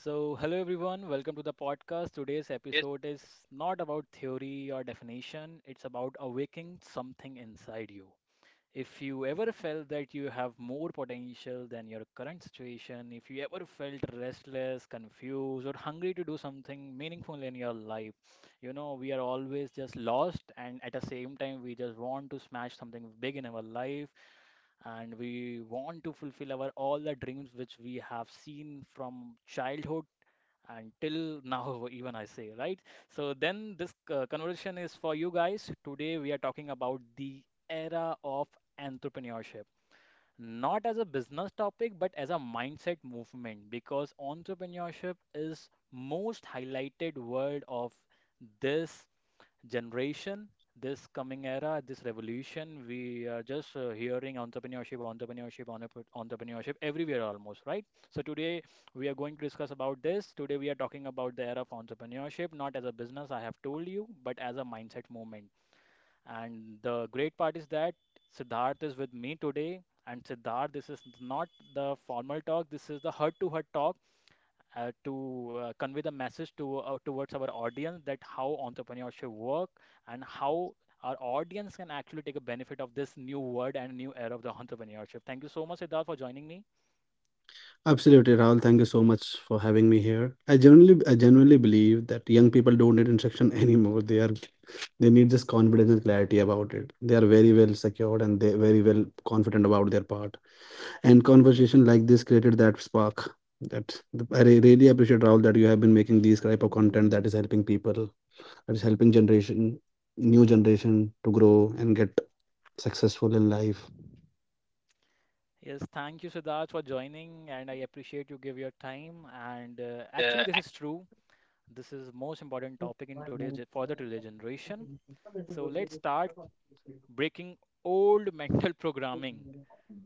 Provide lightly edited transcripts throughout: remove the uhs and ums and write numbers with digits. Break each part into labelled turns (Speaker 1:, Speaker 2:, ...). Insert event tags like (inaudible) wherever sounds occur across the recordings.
Speaker 1: So, hello everyone, welcome to the podcast. Today's
Speaker 2: Yes.
Speaker 1: episode is not about theory or definition, it's about awakening something inside you. If you ever felt that you have more potential than your current situation, if you ever felt restless, confused, or hungry to do something meaningful in your life, you know, we are always just lost, and at the same time, we just want to smash something big in our life. And we want to fulfill our all the dreams which we have seen from childhood until now. (laughs) Even I say, right? So then this conversation is for you guys. Today we are talking about the era of entrepreneurship, not as a business topic but as a mindset movement, because entrepreneurship is most highlighted word of this generation, this coming era, this revolution. We are just hearing entrepreneurship, entrepreneurship, entrepreneurship everywhere almost, right? So today we are going to discuss about this. Today we are talking about the era of entrepreneurship, not as a business, I have told you, but as a mindset movement. And the great part is that Siddharth is with me today. And Siddharth, this is not the formal talk, this is the heart to heart talk, to convey the message to towards our audience that how entrepreneurship work and how our audience can actually take a benefit of this new word and new era of the entrepreneurship. Thank you so much, Siddharth, for joining me.
Speaker 2: Absolutely, Rahul. Thank you so much for having me here. I genuinely believe that young people don't need instruction (laughs) anymore. They need just confidence and clarity about it. They are very well secured and they very well confident about their part. And conversation like this created that spark. That I really appreciate, Rahul, that you have been making these type of content that is helping people, that is helping generation, new generation to grow and get successful in life.
Speaker 1: Yes, thank you, Siddharth, for joining, and I appreciate you give your time. And actually, this is true. This is most important topic in today's for the today generation. So let's start breaking old mental (laughs) programming.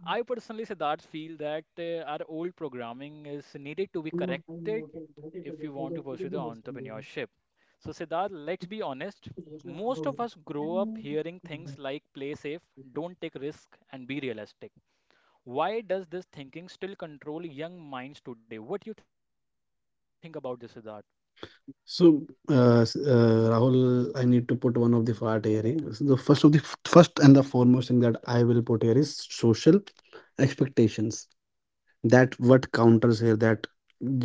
Speaker 1: I personally, Siddharth, feel that our old programming is needed to be corrected if you want to pursue the entrepreneurship. So, Siddharth, let's be honest. Most of us grow up hearing things like play safe, don't take risk, and be realistic. Why does this thinking still control young minds today? What do you think about this, Siddharth?
Speaker 2: So, Rahul, I need to put one of the part here. Eh? So the first of the f- first and the foremost thing that I will put here is social expectations. That what counters here that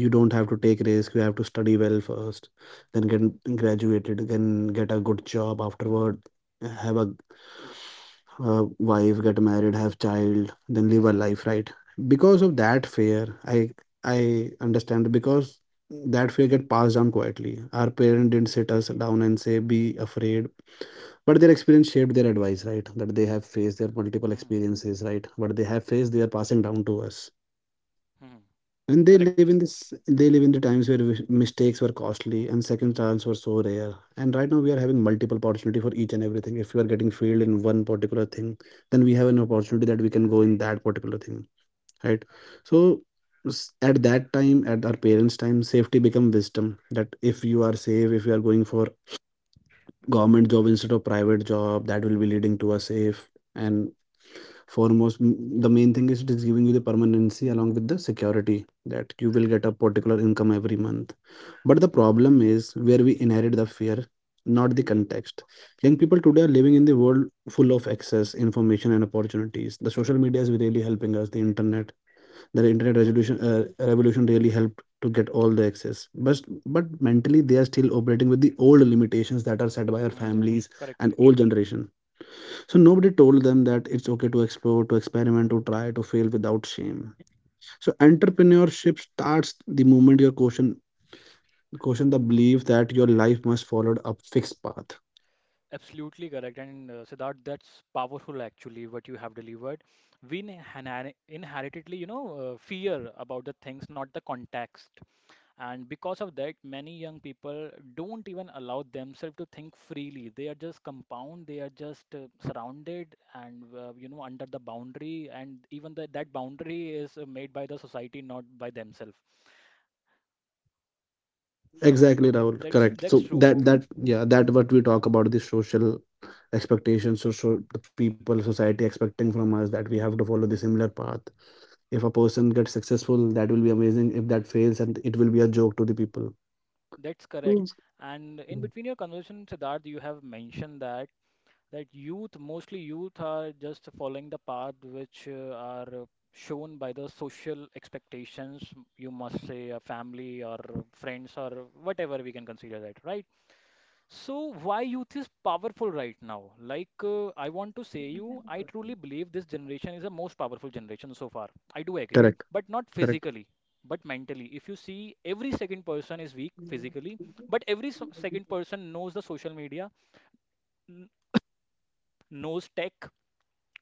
Speaker 2: you don't have to take risk. You have to study well first, then
Speaker 1: Hmm,
Speaker 2: get graduated, then get a good job afterward, have a wife, get married, have child, then live a life, right? Because of
Speaker 1: hmm,
Speaker 2: that fear, i I understand. Because that fear get passed down quietly, our parent didn't sit us down and say be afraid, but their experience shaped their advice, right? That they have faced their
Speaker 1: hmm,
Speaker 2: multiple
Speaker 1: hmm,
Speaker 2: experiences, right? But they have faced, they are passing down to us.
Speaker 1: hmm.
Speaker 2: And they
Speaker 1: Correct.
Speaker 2: live in this, they live in the times where mistakes were costly and second chance were so rare. And right now we are having multiple opportunity for each and everything. If you are getting failed in one particular thing, then we have an opportunity that we can go in that particular thing, right? So, at that time, at our parents' time, safety become wisdom. That if you are safe, if you are going for government job instead of private job, that will be leading to a safe and foremost the main thing is, it is giving you the permanency along with the security that you will get a particular income every month. But the
Speaker 1: Hmm,
Speaker 2: problem is where we inherit the fear, not the context. Young people today are living in the world full of access information and opportunities. The social media is really helping us, the internet, their internet resolution revolution really helped to get all the access. But mentally they are still operating with the old limitations that are set by our
Speaker 1: hmm, hmm.
Speaker 2: families
Speaker 1: Correct,
Speaker 2: and
Speaker 1: correct.
Speaker 2: old generation. So nobody told them that it's okay to explore, to experiment, to try, to fail without shame. So entrepreneurship starts the moment your question the belief that your life must follow a fixed path.
Speaker 1: Absolutely correct. And Siddharth, that's powerful actually, what you have delivered. We inheritedly, you know, fear about the things, not the context. And because of that, many young people don't even allow themselves to think freely. They are just compound, they are just surrounded and, you know, under the boundary. And even the, that boundary is made by the society, not by themselves. So
Speaker 2: Exactly, Rahul.
Speaker 1: that's
Speaker 2: Correct.
Speaker 1: that's
Speaker 2: So that
Speaker 1: true.
Speaker 2: that yeah, that what we talk about the social expectations. So, the people, society expecting from us that we have to follow the similar path. If a person gets successful, that will be amazing. If that fails, and it will be a joke to the people.
Speaker 1: That's
Speaker 2: Mm.
Speaker 1: correct. And in between your conversation, Siddharth, you have mentioned that that youth, mostly youth, are just following the path which are shown by the social expectations, you must say, a family or friends or whatever we can consider that, right? So, why youth is powerful right now? Like, I want to say you, I truly believe this generation is the most powerful generation so far. I do agree,
Speaker 2: Correct.
Speaker 1: but not
Speaker 2: Correct.
Speaker 1: physically. But mentally, if you see, every second person is weak physically, but every second person knows the social media, n- knows tech,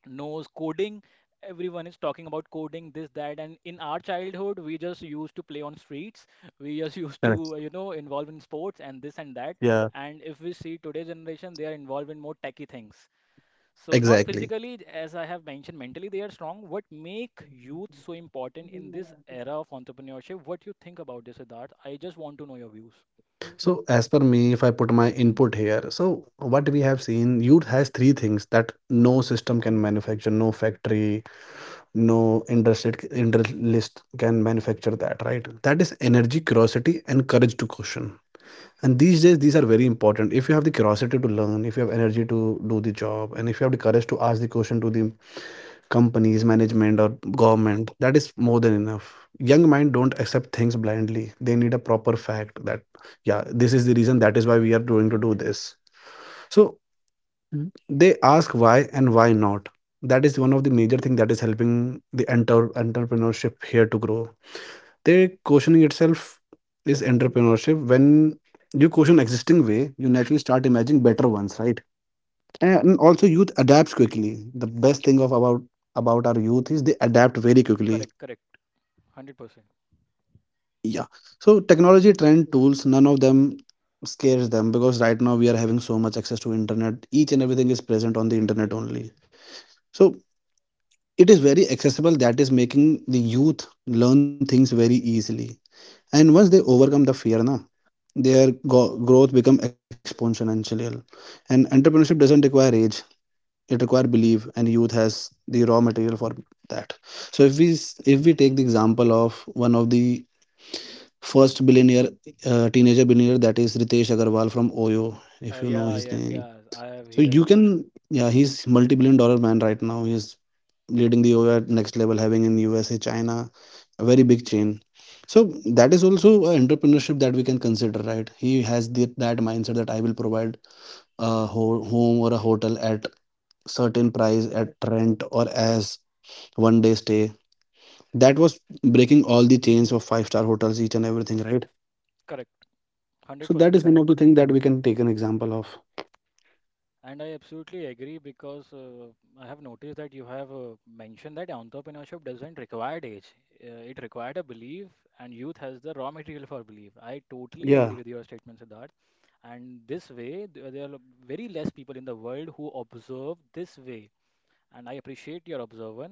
Speaker 1: knows coding. Everyone is talking about coding, this, that. And in our childhood, we just used to play on streets. (laughs) We just used
Speaker 2: Correct.
Speaker 1: to, you know, involve in sports and this and that.
Speaker 2: Yeah.
Speaker 1: And if we see today's generation, they are involved in more techy things. So not
Speaker 2: Exactly.
Speaker 1: physically, as I have mentioned, mentally they are strong. What make youth so important in this era of entrepreneurship? What you think about this, Siddharth? I just want to know your views.
Speaker 2: So as per me, if I put my input here, so what we have seen, youth has three things that no system can manufacture, no factory, no interest can manufacture that, right? That is energy, curiosity and courage to question. And these days these are very important. If you have the curiosity to learn, if you have energy to do the job, and if you have the courage to ask the question to the companies management or government, that is more than enough. Young mind don't accept things blindly, they need a proper fact. That yeah, this is the reason, that is why we are going to do this. So. Mm. They ask why and why not. That is one of the major thing that is helping the entrepreneurship here to grow. They, questioning itself is entrepreneurship. When you question existing way, you naturally start imagining better ones, right? And also youth adapts quickly. The best thing of about our youth is, they adapt very quickly.
Speaker 1: Correct, correct, 100%.
Speaker 2: Yeah. So technology, trend, tools, none of them scares them, because right now we are having so much access to internet, each and everything is present on the internet only. So it is very accessible, that is making the youth learn things very easily. And once they overcome the fear na, their growth become exponential. And entrepreneurship doesn't require age, it requires belief. And youth has the raw material for that. So if we take the example of one of the first billionaire teenager billionaire, that is Ritesh Agarwal from Oyo. If you know his
Speaker 1: Yeah,
Speaker 2: name,
Speaker 1: yes, yeah,
Speaker 2: so
Speaker 1: I have
Speaker 2: you
Speaker 1: heard
Speaker 2: can,
Speaker 1: about him.
Speaker 2: yeah, he's multi-billion dollar man right now. He's leading the OR next level, having in USA, China, a very big chain. So that is also an entrepreneurship that we can consider, right? He has the, that mindset that I will provide a home or a hotel at certain price, at rent or as one day stay. That was breaking all the chains of five-star hotels, each and everything, right?
Speaker 1: Correct,
Speaker 2: So that is
Speaker 1: 100%
Speaker 2: one of the
Speaker 1: correct.
Speaker 2: things that we can take an example of.
Speaker 1: And I absolutely agree because I have noticed that you have mentioned that entrepreneurship doesn't require age. It required a belief, and youth has the raw material for belief. I totally
Speaker 2: Yeah.
Speaker 1: agree with your statement, Siddharth. And this way, there are very less people in the world who observe this way. And I appreciate your observer,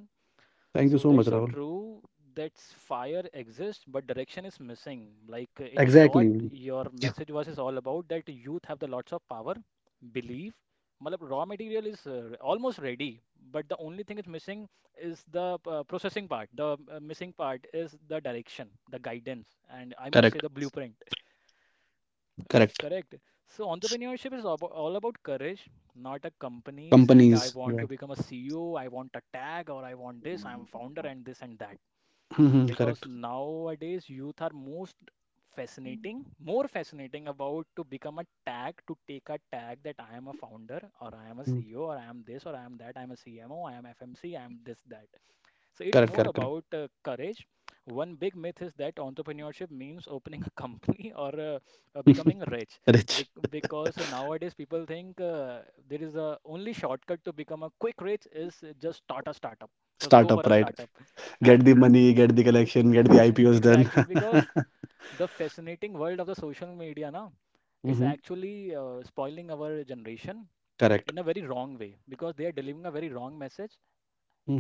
Speaker 2: Thank you
Speaker 1: so
Speaker 2: so much,
Speaker 1: that's so
Speaker 2: Rahul.
Speaker 1: true. That's fire exists, but direction is missing. Like in short,
Speaker 2: Exactly.
Speaker 1: your
Speaker 2: Yeah.
Speaker 1: message was is all about that youth have the lots of power, believe. Matlab, raw material is almost ready, but the only thing is missing is the processing part. The missing part is the direction, the guidance, and I must
Speaker 2: Correct.
Speaker 1: say the blueprint.
Speaker 2: Correct.
Speaker 1: Correct. So entrepreneurship is all about courage, not a companies, and I
Speaker 2: Companies.
Speaker 1: want
Speaker 2: Right.
Speaker 1: to become a CEO, I want a tag, or I want this, I'm founder and this and that.
Speaker 2: Mhm,
Speaker 1: And
Speaker 2: correct.
Speaker 1: because nowadays youth are most fascinating, more fascinating about to become a tag, to take a tag that I am a founder or I am a
Speaker 2: Mm,
Speaker 1: CEO or I am this or I am that, I am a CMO, I am FMC, I am this, that. So it's
Speaker 2: correct.
Speaker 1: more
Speaker 2: Correct. Correct.
Speaker 1: about courage. One big myth is that entrepreneurship means opening a (laughs) company or becoming
Speaker 2: (laughs)
Speaker 1: rich.
Speaker 2: Rich
Speaker 1: Because nowadays people think there is a only shortcut to become a quick rich is just start a startup. Just go for
Speaker 2: startup,
Speaker 1: a
Speaker 2: right?
Speaker 1: startup
Speaker 2: Get the
Speaker 1: and
Speaker 2: money, get the collection, get the
Speaker 1: (laughs)
Speaker 2: IPOs done.
Speaker 1: exactly, because
Speaker 2: (laughs)
Speaker 1: the fascinating world of the social media now, it's
Speaker 2: Mhm.
Speaker 1: actually spoiling our generation
Speaker 2: Correct.
Speaker 1: in a very wrong way because they are delivering a very wrong message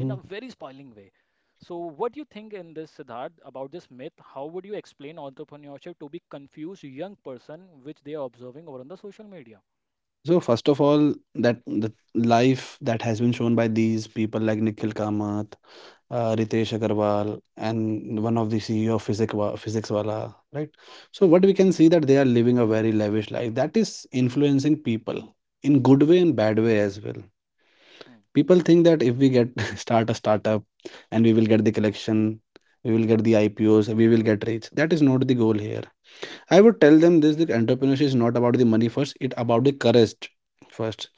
Speaker 1: in a very spoiling way. So, what do you think in this, Siddharth, about this myth? How would you explain entrepreneurship to be confused young person which they are observing over on the social media?
Speaker 2: So first of all, that the life that has been shown by these people like Nikhil Kamath, Ritesh Agarwal, and one of the CEO of Physics Wala, right? So what we can see that they are living a very lavish life that is influencing people in good way and bad way as well.
Speaker 1: Hmm.
Speaker 2: People think that if we get (laughs) start a startup, and we will get the collection, we will get the IPOs, we will get rich. That is not the goal here. I would tell them this, the entrepreneurship is not about the money first, it about the courage first.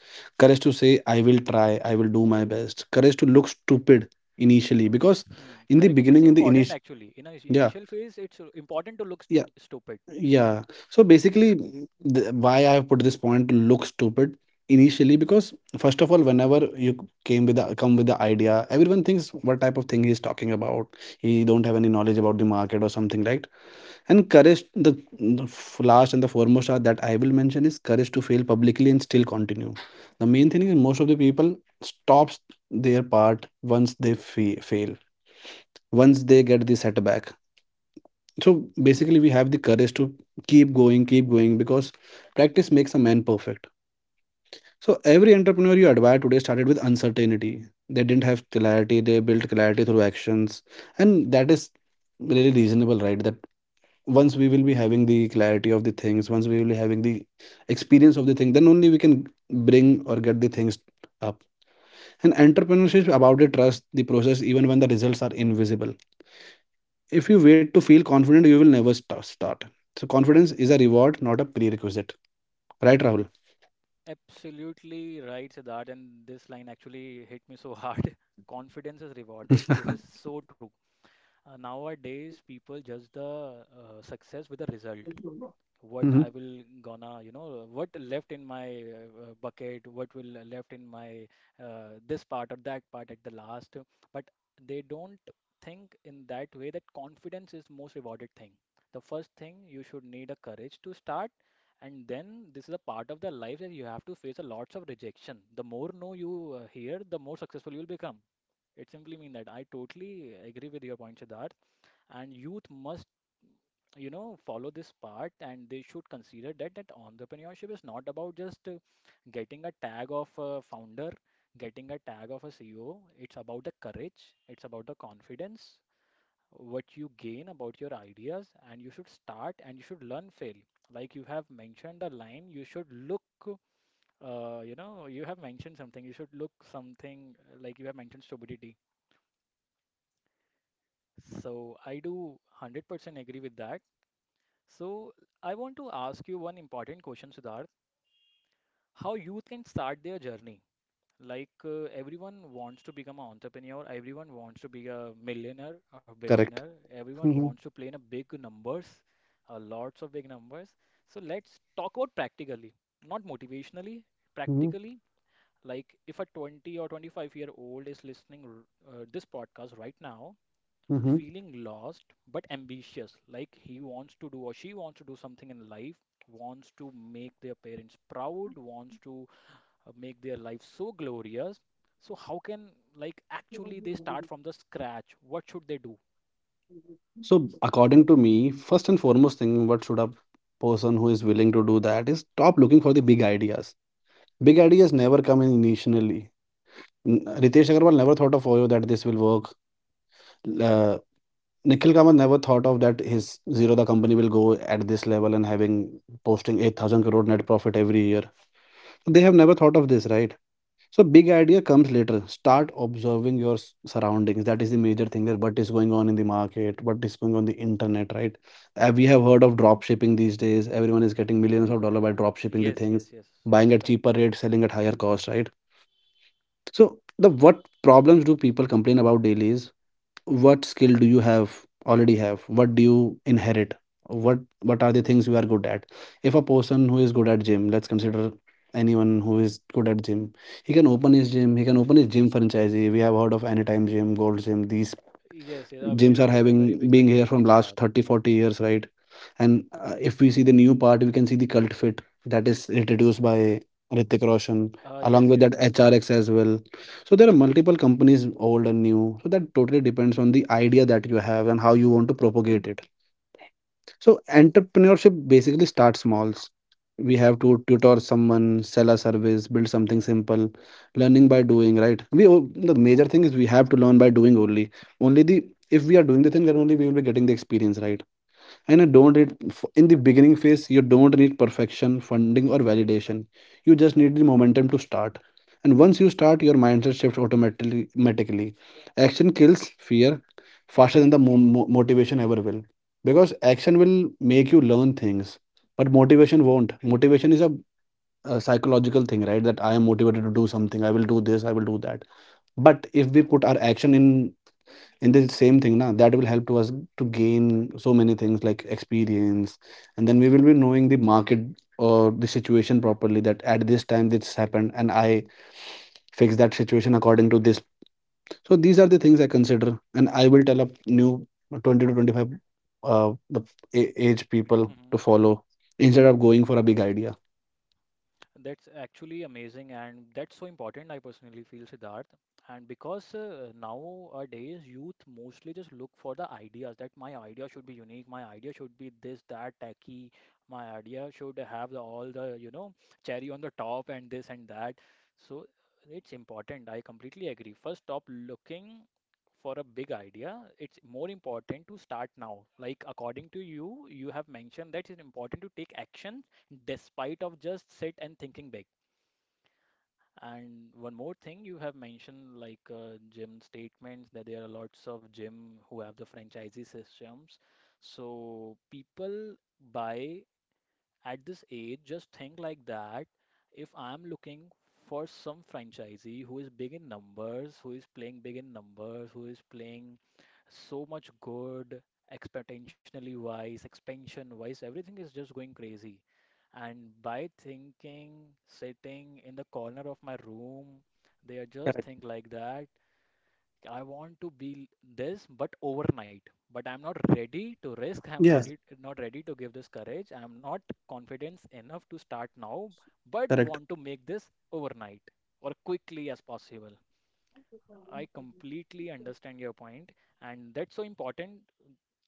Speaker 2: Courage to say, I will try, I will do my best. Courage to look stupid initially, because
Speaker 1: Hmm.
Speaker 2: in the
Speaker 1: Correct. It's
Speaker 2: beginning, in the
Speaker 1: important
Speaker 2: initial,
Speaker 1: actually. In a
Speaker 2: yeah.
Speaker 1: initial phase, it's important to look
Speaker 2: Yeah,
Speaker 1: stupid.
Speaker 2: yeah. So basically, mm, why I put this point look stupid initially, because first of all, whenever you c- came with the come with the idea, everyone thinks what type of thing he's talking about. He don't have any knowledge about the market or something, right? And courage, the last and the foremost are that I will mention is courage to fail publicly and still continue. The main thing is, most of the people stops their part once they fa fail, once they get the setback. So basically we have the courage to keep going, keep going, because practice makes a man perfect. So every entrepreneur you admire today started with uncertainty. They didn't have clarity, they built clarity through actions. And that is really reasonable, right? That once we will be having the clarity of the things, once we will be having the experience of the thing, then only we can bring or get the things up. And entrepreneurship is about the trust the process, even when the results are invisible. If you wait to feel confident, you will never start. So confidence is a reward, not a prerequisite. Right, Rahul?
Speaker 1: Absolutely right, Siddharth, and this line actually hit me so hard. (laughs) Confidence is rewarded.
Speaker 2: (laughs)
Speaker 1: This is so true. Nowadays, people judge the success with the result, what
Speaker 2: Hmm.
Speaker 1: I will gonna, you know, what left in my bucket, what will left in my this part or that part at the last. But they don't think in that way that confidence is most rewarded thing. The first thing you should need a courage to start, and then this is a part of the life that you have to face a lots of rejection. The more no you hear, the more successful you will become. It simply means that I totally agree with your point, Siddharth, and youth must, you know, follow this part, and they should consider that that entrepreneurship is not about just getting a tag of a founder, getting a tag of a CEO. It's about the courage, it's about the confidence, what you gain about your ideas, and you should start and you should learn fail. Like you have mentioned the line, you should look you know, you have mentioned something, you should look something like you have mentioned stupidity. So I do 100% agree with that. So, I want to ask you one important question, Siddharth. How youth can start their journey? Like everyone wants to become an entrepreneur, everyone wants to be a millionaire or
Speaker 2: Correct.
Speaker 1: billionaire, everyone
Speaker 2: Hmm.
Speaker 1: wants to play in a big numbers, lots of big numbers. So let's talk about practically, not motivationally,
Speaker 2: Hmm.
Speaker 1: practically. Like if a 20 or 25-year-old is listening this podcast right now,
Speaker 2: Hmm.
Speaker 1: feeling lost but ambitious, like he wants to do or she wants to do something in life, wants to make their parents proud, wants to make their life so glorious. So how can, like actually they start from the scratch, what should they do?
Speaker 2: So according to me, first and foremost thing, what should a person who is willing to do that is stop looking for the big ideas. Big ideas never come in initially. Ritesh Agarwal never thought of OYO that this will work. Uh, Nikhil Kamath never thought of that his zero the company will go at this level and having posting 8,000 crore net profit every year. They have never thought of this, right? So big idea comes later. Start observing your surroundings. That is the major thing. That what is going on in the market, what is going on the internet, right? We have heard of drop shipping these days. Everyone is getting millions of dollars by drop shipping the
Speaker 1: Yes, yes,
Speaker 2: things,
Speaker 1: yes.
Speaker 2: buying at
Speaker 1: Correct.
Speaker 2: cheaper rate, selling at higher cost, right? So the, what problems do people complain about daily is, what skill do you have already have, what do you inherit what are the things you are good at. If a person who is good at gym, let's consider, anyone who is good at gym, he can open his gym, he can open his gym franchise. We have heard of anytime gym, gold gym, these
Speaker 1: Yes, yes, a
Speaker 2: gyms
Speaker 1: very
Speaker 2: are
Speaker 1: a
Speaker 2: having
Speaker 1: very big
Speaker 2: being here
Speaker 1: franchises
Speaker 2: from
Speaker 1: they
Speaker 2: last
Speaker 1: have.
Speaker 2: 30-40 years, right? And if we see the new part, we can see the cult fit that is introduced by Ritik Roshan,
Speaker 1: Uh,
Speaker 2: along
Speaker 1: yes,
Speaker 2: with
Speaker 1: yes,
Speaker 2: that
Speaker 1: yes.
Speaker 2: HRX as well. So there are multiple companies, old and new. So that totally depends on the idea that you have and how you want to propagate it. So entrepreneurship basically starts small. We have to tutor someone, sell a service, build something simple, learning by doing, right? The major thing is we have to learn by doing only. Only the if we are doing the thing, then only we will be getting the experience, right? and you don't need In the beginning phase, you don't need perfection, funding, or validation. You just need the momentum to start, and once you start your mindset shifts automatically. Action kills fear faster than motivation ever will, because action will make you learn things, but motivation won't. Motivation is a psychological thing, right? That I am motivated to do something, I will do this, I will do that. But if we put our action in the same thing na, that will help to us to gain so many things like experience, and then we will be knowing the market or the situation properly, that at this time this happened and I fix that situation according to this. So these are the things I consider, and I will tell a new 20 to 25 uh the age people
Speaker 1: Mm-hmm.
Speaker 2: to follow instead of going for a big idea.
Speaker 1: That's actually amazing, and that's so important, I personally feel, Siddharth. And because nowadays youth mostly just look for the ideas that my idea should be unique, my idea should be this, that, tacky, my idea should have the, all the, you know, cherry on the top and this and that. So it's important. I completely agree. First, stop looking for a big idea. It's more important to start now. Like according to you, you have mentioned that it's important to take action despite of just sit and thinking big. And one more thing you have mentioned, gym statements, that there are lots of gym who have the franchisee systems, so people buy. At this age just think like that, if I'm looking for some franchisee who is big in numbers, who is playing big in numbers, who is playing so much good, exponentially wise, expansion wise, everything is just going crazy. And by thinking, sitting in the corner of my room, they are just think like that, I want to be this but overnight. But I'm not ready to risk. (laughs) I'm not
Speaker 2: Yes.
Speaker 1: not ready to give this courage, I'm not confidence enough to start now, but
Speaker 2: Correct.
Speaker 1: want to make this overnight or quickly as possible. I completely understand your point, and that's so important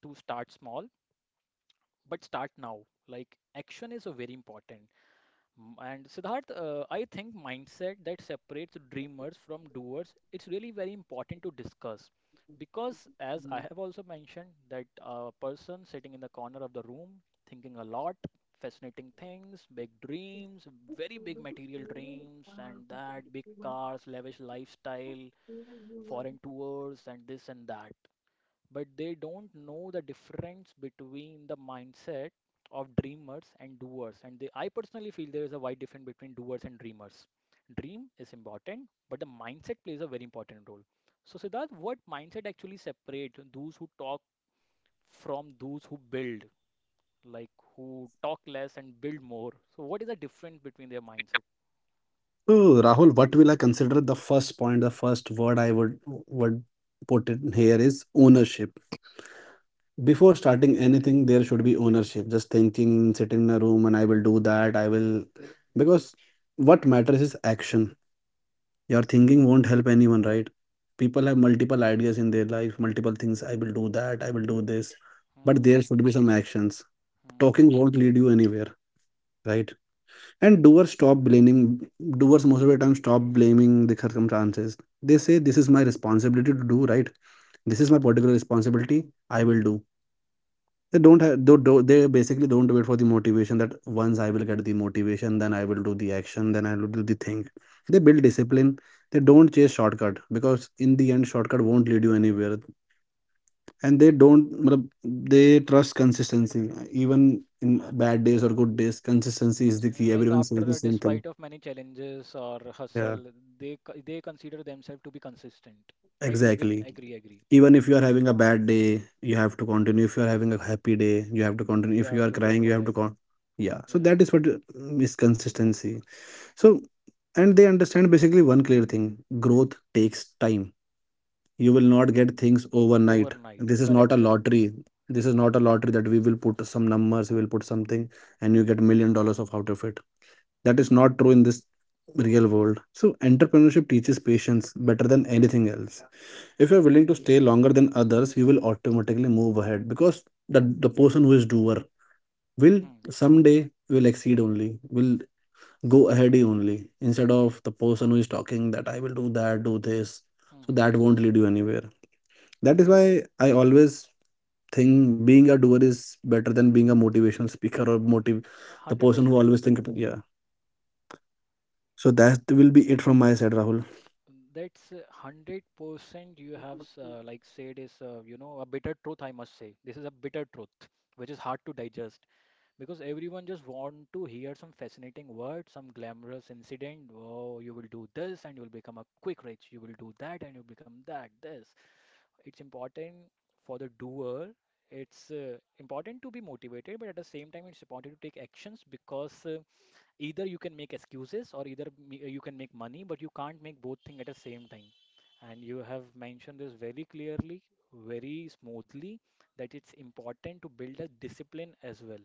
Speaker 1: to start small, but start now. Like action is a very important. And Siddharth, I think mindset that separates dreamers from doers, it's really very important to discuss. Because as I have also mentioned, that a person sitting in the corner of the room, thinking a lot, fascinating things, big dreams, very big material dreams, and that, big cars, lavish lifestyle, foreign tours, and this and that, but they don't know the difference between the mindset of dreamers and doers. And they, I personally feel there is a wide difference between doers and dreamers. Dream is important, but the mindset plays a very important role. So Siddharth, what mindset actually separates those who talk from those who build, like who talk less and build more? So what is the difference between their mindset?
Speaker 2: So Rahul, what will I consider, the first point, the first word I would put in here is ownership. Before starting anything, there should be ownership. Just thinking, sitting in a room, and I will do that. I will. Because what matters is action. Your thinking won't help anyone, right? People have multiple ideas in their life, multiple things. I will do that, I will do this. But there
Speaker 1: Hmm.
Speaker 2: should be some actions.
Speaker 1: Hmm, hmm.
Speaker 2: Talking won't lead you anywhere, right? And doers stop blaming, doers most of the time stop blaming the circumstances. They say, this is my responsibility to do, right? This is my particular responsibility. I will do. They basically don't wait for the motivation, that once I will get the motivation, then I will do the action, then I will do the thing. They build discipline. They don't chase shortcut because in the end shortcut won't lead you anywhere. And they don't matlab, they trust consistency. Even in bad days or good days, consistency is the key.
Speaker 1: Like
Speaker 2: Everyone says the same thing.
Speaker 1: despite of many challenges or
Speaker 2: Yeah,
Speaker 1: hustle, they consider themselves to be consistent. Agree with
Speaker 2: exactly.
Speaker 1: agree agree.
Speaker 2: Even if you are having a bad day you have to continue, if you are having a happy day you have to continue,
Speaker 1: You
Speaker 2: if you
Speaker 1: have
Speaker 2: are
Speaker 1: to go
Speaker 2: crying you
Speaker 1: for
Speaker 2: have to
Speaker 1: it.
Speaker 2: con. Yeah, so
Speaker 1: Yeah,
Speaker 2: that is what is consistency. So, and they understand basically one clear thing, growth takes time. You will not get things overnight.
Speaker 1: overnight.
Speaker 2: This is not
Speaker 1: Correct
Speaker 2: a
Speaker 1: correct.
Speaker 2: lottery. This is not a lottery that we will put some numbers, we will put something, and you get million dollars of out of it. That is not true in this real world. So entrepreneurship teaches patience better than anything else. If you're willing to stay longer than others, you will automatically move ahead because the person who is doer will
Speaker 1: Hmm, hmm,
Speaker 2: someday will exceed only will go ahead only instead of the person who is talking that I will do that, do this,
Speaker 1: hmm.
Speaker 2: so
Speaker 1: Hmm.
Speaker 2: that won't lead you anywhere. That is why I always think being a doer is better than being a motivational speaker or motive, the
Speaker 1: Hundred
Speaker 2: person
Speaker 1: percent
Speaker 2: who always
Speaker 1: agree.
Speaker 2: think about- yeah. So that will be it from my side, Rahul.
Speaker 1: That's 100%. You have like said is a bitter truth. I must say this is a bitter truth which is hard to digest. Because everyone just want to hear some fascinating word, some glamorous incident. Oh, you will do this and you will become a quick rich. You will do that and you become that, this. It's important for the doer. It's important to be motivated, but at the same time, it's important to take actions, because either you can make excuses, or either you can make money, but you can't make both things at the same time. And you have mentioned this very clearly, very smoothly, that it's important to build a discipline as well,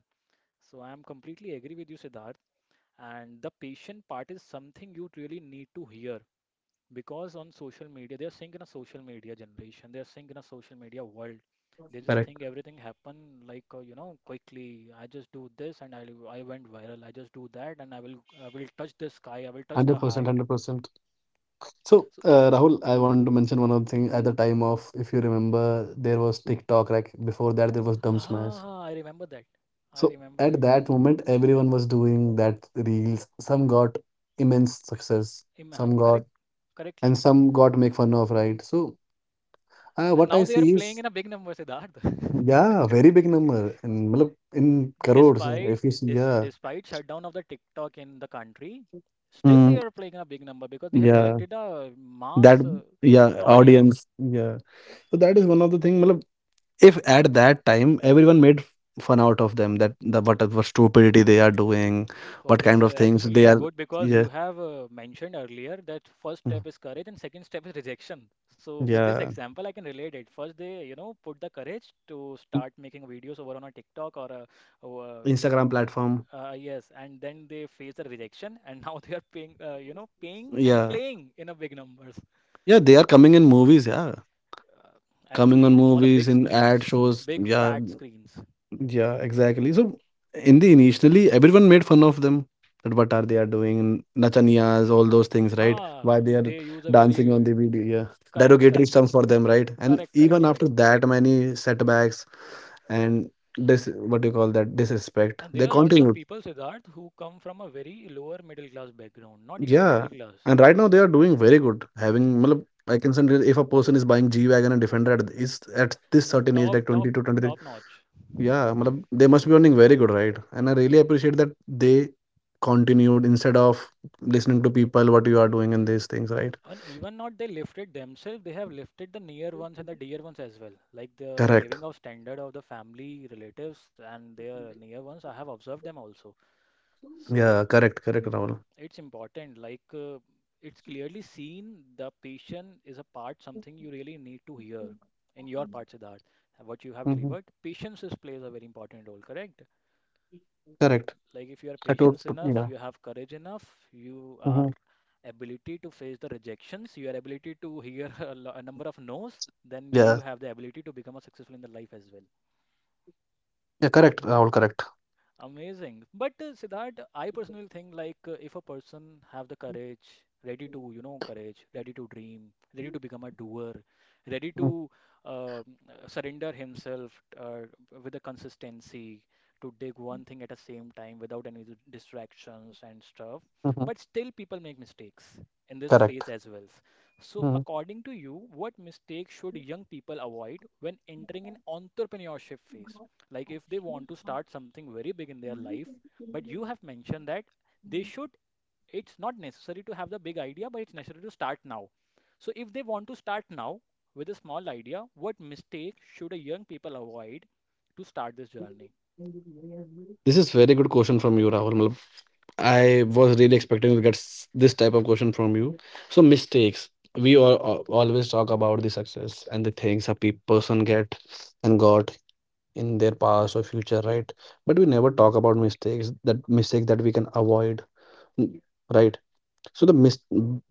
Speaker 1: so I'm completely agree with you, Siddharth. And the patient part is something you really need to hear, because on social media, they're saying in a social media generation, they're saying in a social media world. They just think
Speaker 2: Correct.
Speaker 1: everything happen like quickly. I just do this and I went viral. I just do that and I will touch the sky. I will touch the
Speaker 2: 100%.
Speaker 1: height.
Speaker 2: 100%. So,
Speaker 1: So
Speaker 2: Rahul, I want to mention one other thing. At the time of, if you remember, there was TikTok. Like before that, there was Dumb Smash.
Speaker 1: I remember that. I
Speaker 2: So
Speaker 1: remember
Speaker 2: at
Speaker 1: that.
Speaker 2: that moment, everyone was doing that reels. Some got immense success,
Speaker 1: Im-
Speaker 2: some got,
Speaker 1: Correct, correctly.
Speaker 2: and some got make fun of, right? So
Speaker 1: And
Speaker 2: what
Speaker 1: now
Speaker 2: I
Speaker 1: they are
Speaker 2: see
Speaker 1: playing
Speaker 2: is,
Speaker 1: in a big number, Siddharth. (laughs)
Speaker 2: yeah, very big number, and matlab, in crores.
Speaker 1: Despite
Speaker 2: If you see,
Speaker 1: this,
Speaker 2: yeah.
Speaker 1: despite shutdown of the TikTok in the country, still they
Speaker 2: Mm,
Speaker 1: are playing a big number, because they have
Speaker 2: yeah,
Speaker 1: collected a mass
Speaker 2: that, yeah,
Speaker 1: audience.
Speaker 2: audience, yeah. So that is one of the thing. Matlab, if at that time everyone made fun out of them, that what stupidity they are doing,
Speaker 1: So
Speaker 2: what
Speaker 1: this
Speaker 2: kind of things
Speaker 1: actually
Speaker 2: they
Speaker 1: a
Speaker 2: are,
Speaker 1: good, because you
Speaker 2: yeah.
Speaker 1: have mentioned earlier that first
Speaker 2: Mm,
Speaker 1: step is courage and second step is rejection. So with this
Speaker 2: yeah.
Speaker 1: example, I can relate it. First, they put the courage to start making videos over on a TikTok or or, uh, w-
Speaker 2: Instagram platform.
Speaker 1: yes, and then they face the rejection, and now (laughs) they are paying paying and
Speaker 2: Yeah.
Speaker 1: playing in a big numbers.
Speaker 2: Yeah, they are coming in movies, yeah.
Speaker 1: uh,
Speaker 2: Coming on
Speaker 1: Actually on a big
Speaker 2: movies, in
Speaker 1: screens,
Speaker 2: ad shows.
Speaker 1: big
Speaker 2: Yeah.
Speaker 1: fat screens.
Speaker 2: Yeah, exactly. So in the initially everyone made fun of them. That what are they are doing? Nachaniyas, all those things, right?
Speaker 1: Ah,
Speaker 2: Why they are
Speaker 1: they use a
Speaker 2: dancing
Speaker 1: very.
Speaker 2: on the video, yeah.
Speaker 1: Correct, correct,
Speaker 2: Derogatory terms for them, right? And
Speaker 1: correct, correct,
Speaker 2: even
Speaker 1: correct.
Speaker 2: after that many setbacks and this, what do you call that, disrespect,
Speaker 1: And there
Speaker 2: they
Speaker 1: are lots of
Speaker 2: continued.
Speaker 1: people, Siddharth, who come from a very lower middle class background, not even a middle
Speaker 2: Yeah,
Speaker 1: class,
Speaker 2: and right
Speaker 1: w-
Speaker 2: now they are doing very good. Having, matlab, I can say that if a person is buying G-Wagon and Defender at this certain age,
Speaker 1: top,
Speaker 2: like
Speaker 1: top,
Speaker 2: 20 to 23,
Speaker 1: top notch.
Speaker 2: yeah, matlab, they must be earning very good, right? And I really appreciate that they continued instead of listening to people what you are doing and these things, right?
Speaker 1: And even not they lifted themselves, they have lifted the near ones and the dear ones as well. Like the
Speaker 2: Correct.
Speaker 1: living of standard of the family relatives and their near ones, I have observed them also.
Speaker 2: Yeah,
Speaker 1: So
Speaker 2: correct, correct, Rahul.
Speaker 1: it's important. It's clearly seen the patient is a part, something you really need to hear in your part, Siddharth. What you have
Speaker 2: Hmm.
Speaker 1: delivered, patience is plays a very important role, correct?
Speaker 2: Correct.
Speaker 1: Like if you are
Speaker 2: I told,
Speaker 1: patient enough,
Speaker 2: yeah.
Speaker 1: you have courage enough, you are
Speaker 2: Hmm.
Speaker 1: ability to face the rejections, your ability to hear (laughs) a number of no's, then you
Speaker 2: Yeah,
Speaker 1: have the ability to become a successful in the life as well.
Speaker 2: yeah, correct, Rahul, correct.
Speaker 1: Amazing. But Siddharth, I personally think if a person have the courage, ready to, courage, ready to dream, ready to become a doer, ready
Speaker 2: Mm-hmm.
Speaker 1: to uh, surrender himself uh, with a consistency to dig one thing at a same time without any distractions and stuff.
Speaker 2: Mm-hmm.
Speaker 1: But still, people make mistakes in this
Speaker 2: Correct.
Speaker 1: phase as well. So,
Speaker 2: Mm-hmm.
Speaker 1: according to you, what mistakes should young people avoid when entering an entrepreneurship phase? Like if they want to start something very big in their life, but you have mentioned that they should, it's not necessary to have the big idea, but it's necessary to start now. So if they want to start now with a small idea, what mistake should a young people avoid to start this journey?
Speaker 2: This is very good question from you, Rahul. Matlab, I was really expecting to get this type of question from you. So mistakes. We all, always talk about the success and the things a person get and got in their past or future, right? But we never talk about mistakes. That mistake that we can avoid, n- right? So the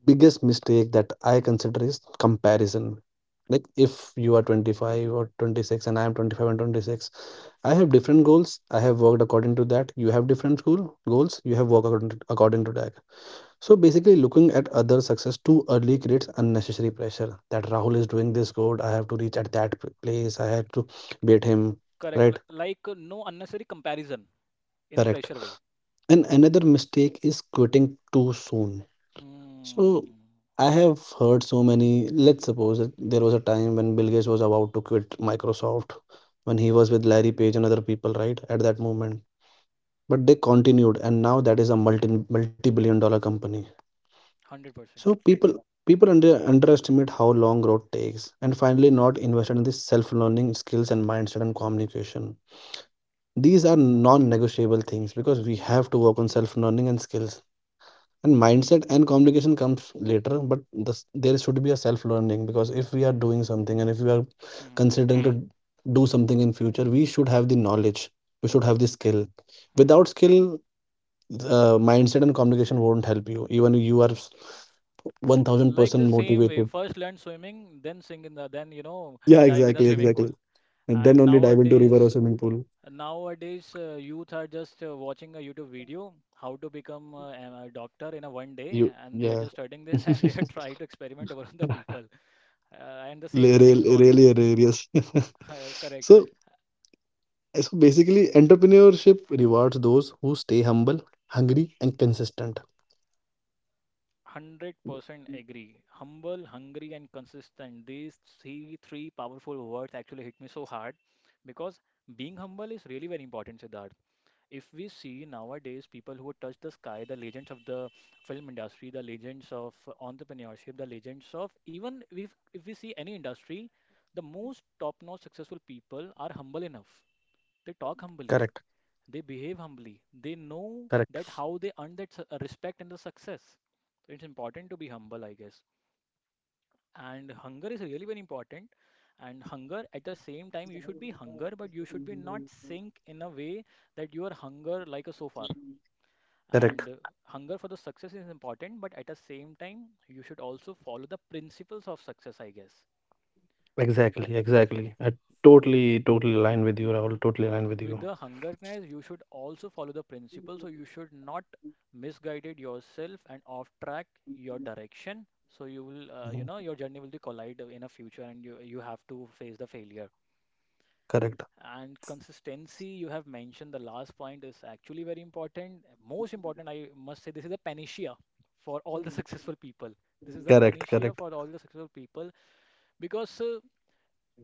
Speaker 2: biggest mistake that I consider is comparison. Like if you are 25 or 26 and I am 25 and 26, I have different goals. I have worked according to that. You have different goals. You have worked according to that. So basically, looking at other success too early creates unnecessary pressure. That Rahul is doing this good. I have to reach at that place. I have to beat him.
Speaker 1: Correct.
Speaker 2: Right?
Speaker 1: मतलब no unnecessary comparison in a
Speaker 2: Correct.
Speaker 1: pressure way.
Speaker 2: And another mistake is quitting too soon.
Speaker 1: Hmm.
Speaker 2: So I have heard so many. Let's suppose that there was a time when Bill Gates was about to quit Microsoft, when he was with Larry Page and other people. Right? At that moment. But they continued, and now that is a multi-billion dollar company. So
Speaker 1: 100%.
Speaker 2: people underestimate how long growth takes, and finally not invested in this self-learning skills and mindset and communication. These are non-negotiable things because we have to work on self-learning and skills. And mindset and communication comes later, but this, there should be a self-learning because if we are doing something and if we are
Speaker 1: Hmm.
Speaker 2: considering to do something in future, we should have the knowledge. We should have the skill.
Speaker 1: Hmm.
Speaker 2: Without skill, mindset and communication won't help you even if you are
Speaker 1: Like the
Speaker 2: 1000%
Speaker 1: same way,
Speaker 2: motivated.
Speaker 1: first learn swimming, then sing in the, then
Speaker 2: Yeah,
Speaker 1: dive in a
Speaker 2: exactly,
Speaker 1: swimming pool.
Speaker 2: exactly. And
Speaker 1: And
Speaker 2: then only dive into river
Speaker 1: nowadays,
Speaker 2: or swimming pool.
Speaker 1: nowadays, youth are just watching a YouTube video, how to become a doctor in a
Speaker 2: You,
Speaker 1: one day,
Speaker 2: yeah. (laughs)
Speaker 1: and they are just studying this (laughs) and they are trying to experiment over on the people. And the same way things
Speaker 2: Really
Speaker 1: gone. (laughs)
Speaker 2: hilarious. (laughs) so
Speaker 1: Correct.
Speaker 2: so basically entrepreneurship rewards those who stay humble, hungry, and consistent.
Speaker 1: 100% agree. Humble, hungry, and consistent. These three powerful words actually hit me so hard, because being humble is really very important, Siddharth. If we see nowadays people who touch the sky, the legends of the film industry, the legends of entrepreneurship, the legends of even if we see any industry, the most top-notch successful people are humble enough. They talk humbly, they behave humbly, they know that how they earn that respect and the success. So it's important to be humble, I guess. And hunger is really very important. And hunger at the same time, you should be hunger, but you should be not sink in a way that you are hunger like a sofa.
Speaker 2: Correct.
Speaker 1: And hunger for the success is important, but at the same time, you should also follow the principles of success, I guess.
Speaker 2: Exactly, exactly. I totally align with you, Rahul. Totally align with you.
Speaker 1: With the hungerness, you should also follow the principles, so you should not misguided yourself and off track your direction. So
Speaker 2: Mhm.
Speaker 1: your journey will be collide in a future, and you have to face the failure.
Speaker 2: Correct,
Speaker 1: And consistency you have mentioned, the last point, is actually very important, most important. I must say this is a panacea for all the (laughs) successful people. This is a
Speaker 2: correct,
Speaker 1: panacea
Speaker 2: correct,
Speaker 1: for all the successful people. Because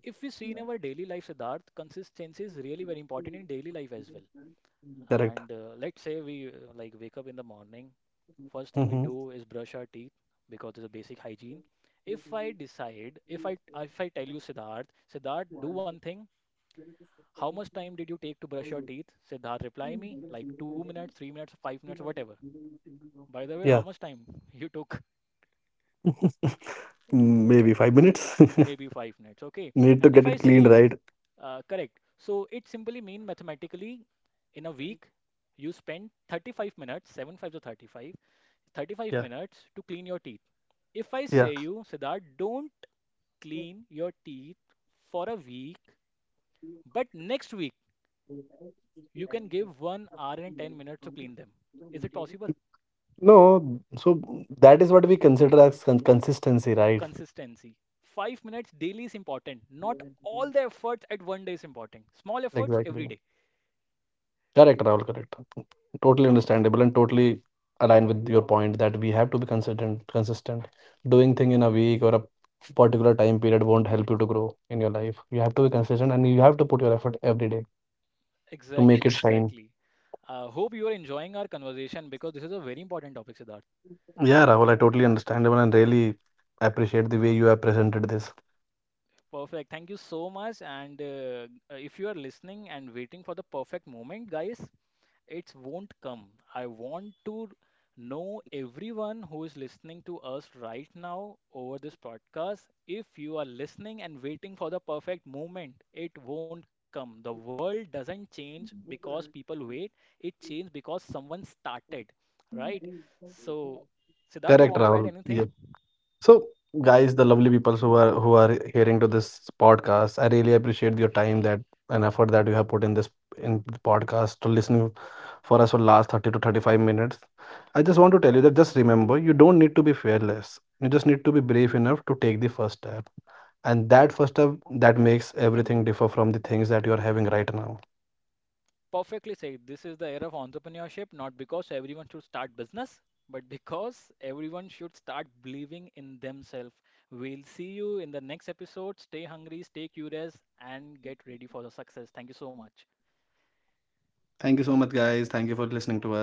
Speaker 1: if we see in our daily life, Siddharth, consistency is really very important in daily life as well.
Speaker 2: correct.
Speaker 1: And let's say we like wake up in the morning, first thing we
Speaker 2: Mm-hmm.
Speaker 1: do is brush our teeth, because it's a basic hygiene. If i decide if i if i tell you, Siddharth, do one thing, how much time did you take to brush your teeth? Siddharth, reply me, like 2 minutes, 3 minutes, 5 minutes, whatever. By the way, how
Speaker 2: Yeah,
Speaker 1: much time you took?
Speaker 2: maybe 5 minutes.
Speaker 1: (laughs)
Speaker 2: (laughs)
Speaker 1: Maybe 5 minutes, okay?
Speaker 2: Need to
Speaker 1: And if
Speaker 2: get
Speaker 1: I
Speaker 2: it
Speaker 1: say
Speaker 2: cleaned,
Speaker 1: you,
Speaker 2: right?
Speaker 1: correct. So it simply mean mathematically in a week, you spend 35 minutes, 75 to 35,
Speaker 2: Yeah,
Speaker 1: 35 minutes to clean your teeth. If I
Speaker 2: yeah.
Speaker 1: say you, Siddharth, don't clean your teeth for a week, but next week you can give 1 hour and 10 minutes to clean them. Is it possible?
Speaker 2: No, so that is what we consider as consistency, right?
Speaker 1: Consistency. 5 minutes daily is important. Not all the efforts at one day is important. Small efforts every
Speaker 2: Exactly.
Speaker 1: day.
Speaker 2: Correct, Rahul, correct. Totally
Speaker 1: Um,
Speaker 2: understandable and totally aligned with your point that we have to be consistent, consistent. Doing thing in a week or a particular time period won't help you to grow in your life. You have to be consistent and you have to put your effort every day to make
Speaker 1: exactly,
Speaker 2: it shine.
Speaker 1: exactly. Hope you are enjoying our conversation, because this is a very important topic, Siddharth.
Speaker 2: Yeah, Rahul, I totally understandable and really appreciate the way you have presented this.
Speaker 1: Perfect. Thank you so much. And if you are listening and waiting for the perfect moment, guys, it won't come. I want to know everyone who is listening to us right now over this podcast. If you are listening and waiting for the perfect moment, it won't come. The world doesn't change because people wait, it changes because someone started, right? So, Siddharth, do you
Speaker 2: Correct,
Speaker 1: want to add
Speaker 2: Rahul.
Speaker 1: anything?
Speaker 2: Yeah. So guys, the lovely people who are hearing to this podcast, I really appreciate your time that and effort that you have put in the podcast to listening for us for last 30 to 35 minutes. I just want to tell you that just remember you don't need to be fearless. You just need to be brave enough to take the first step. And that first step that makes everything differ from the things that you are having right now.
Speaker 1: Perfectly said. This is the era of entrepreneurship, not because everyone should start business, but because everyone should start believing in themselves. We'll see you in the next episode. Stay hungry, stay curious, and get ready for the success. Thank you so much.
Speaker 2: Thank you so much, guys. Thank you for listening to us. Have a great day.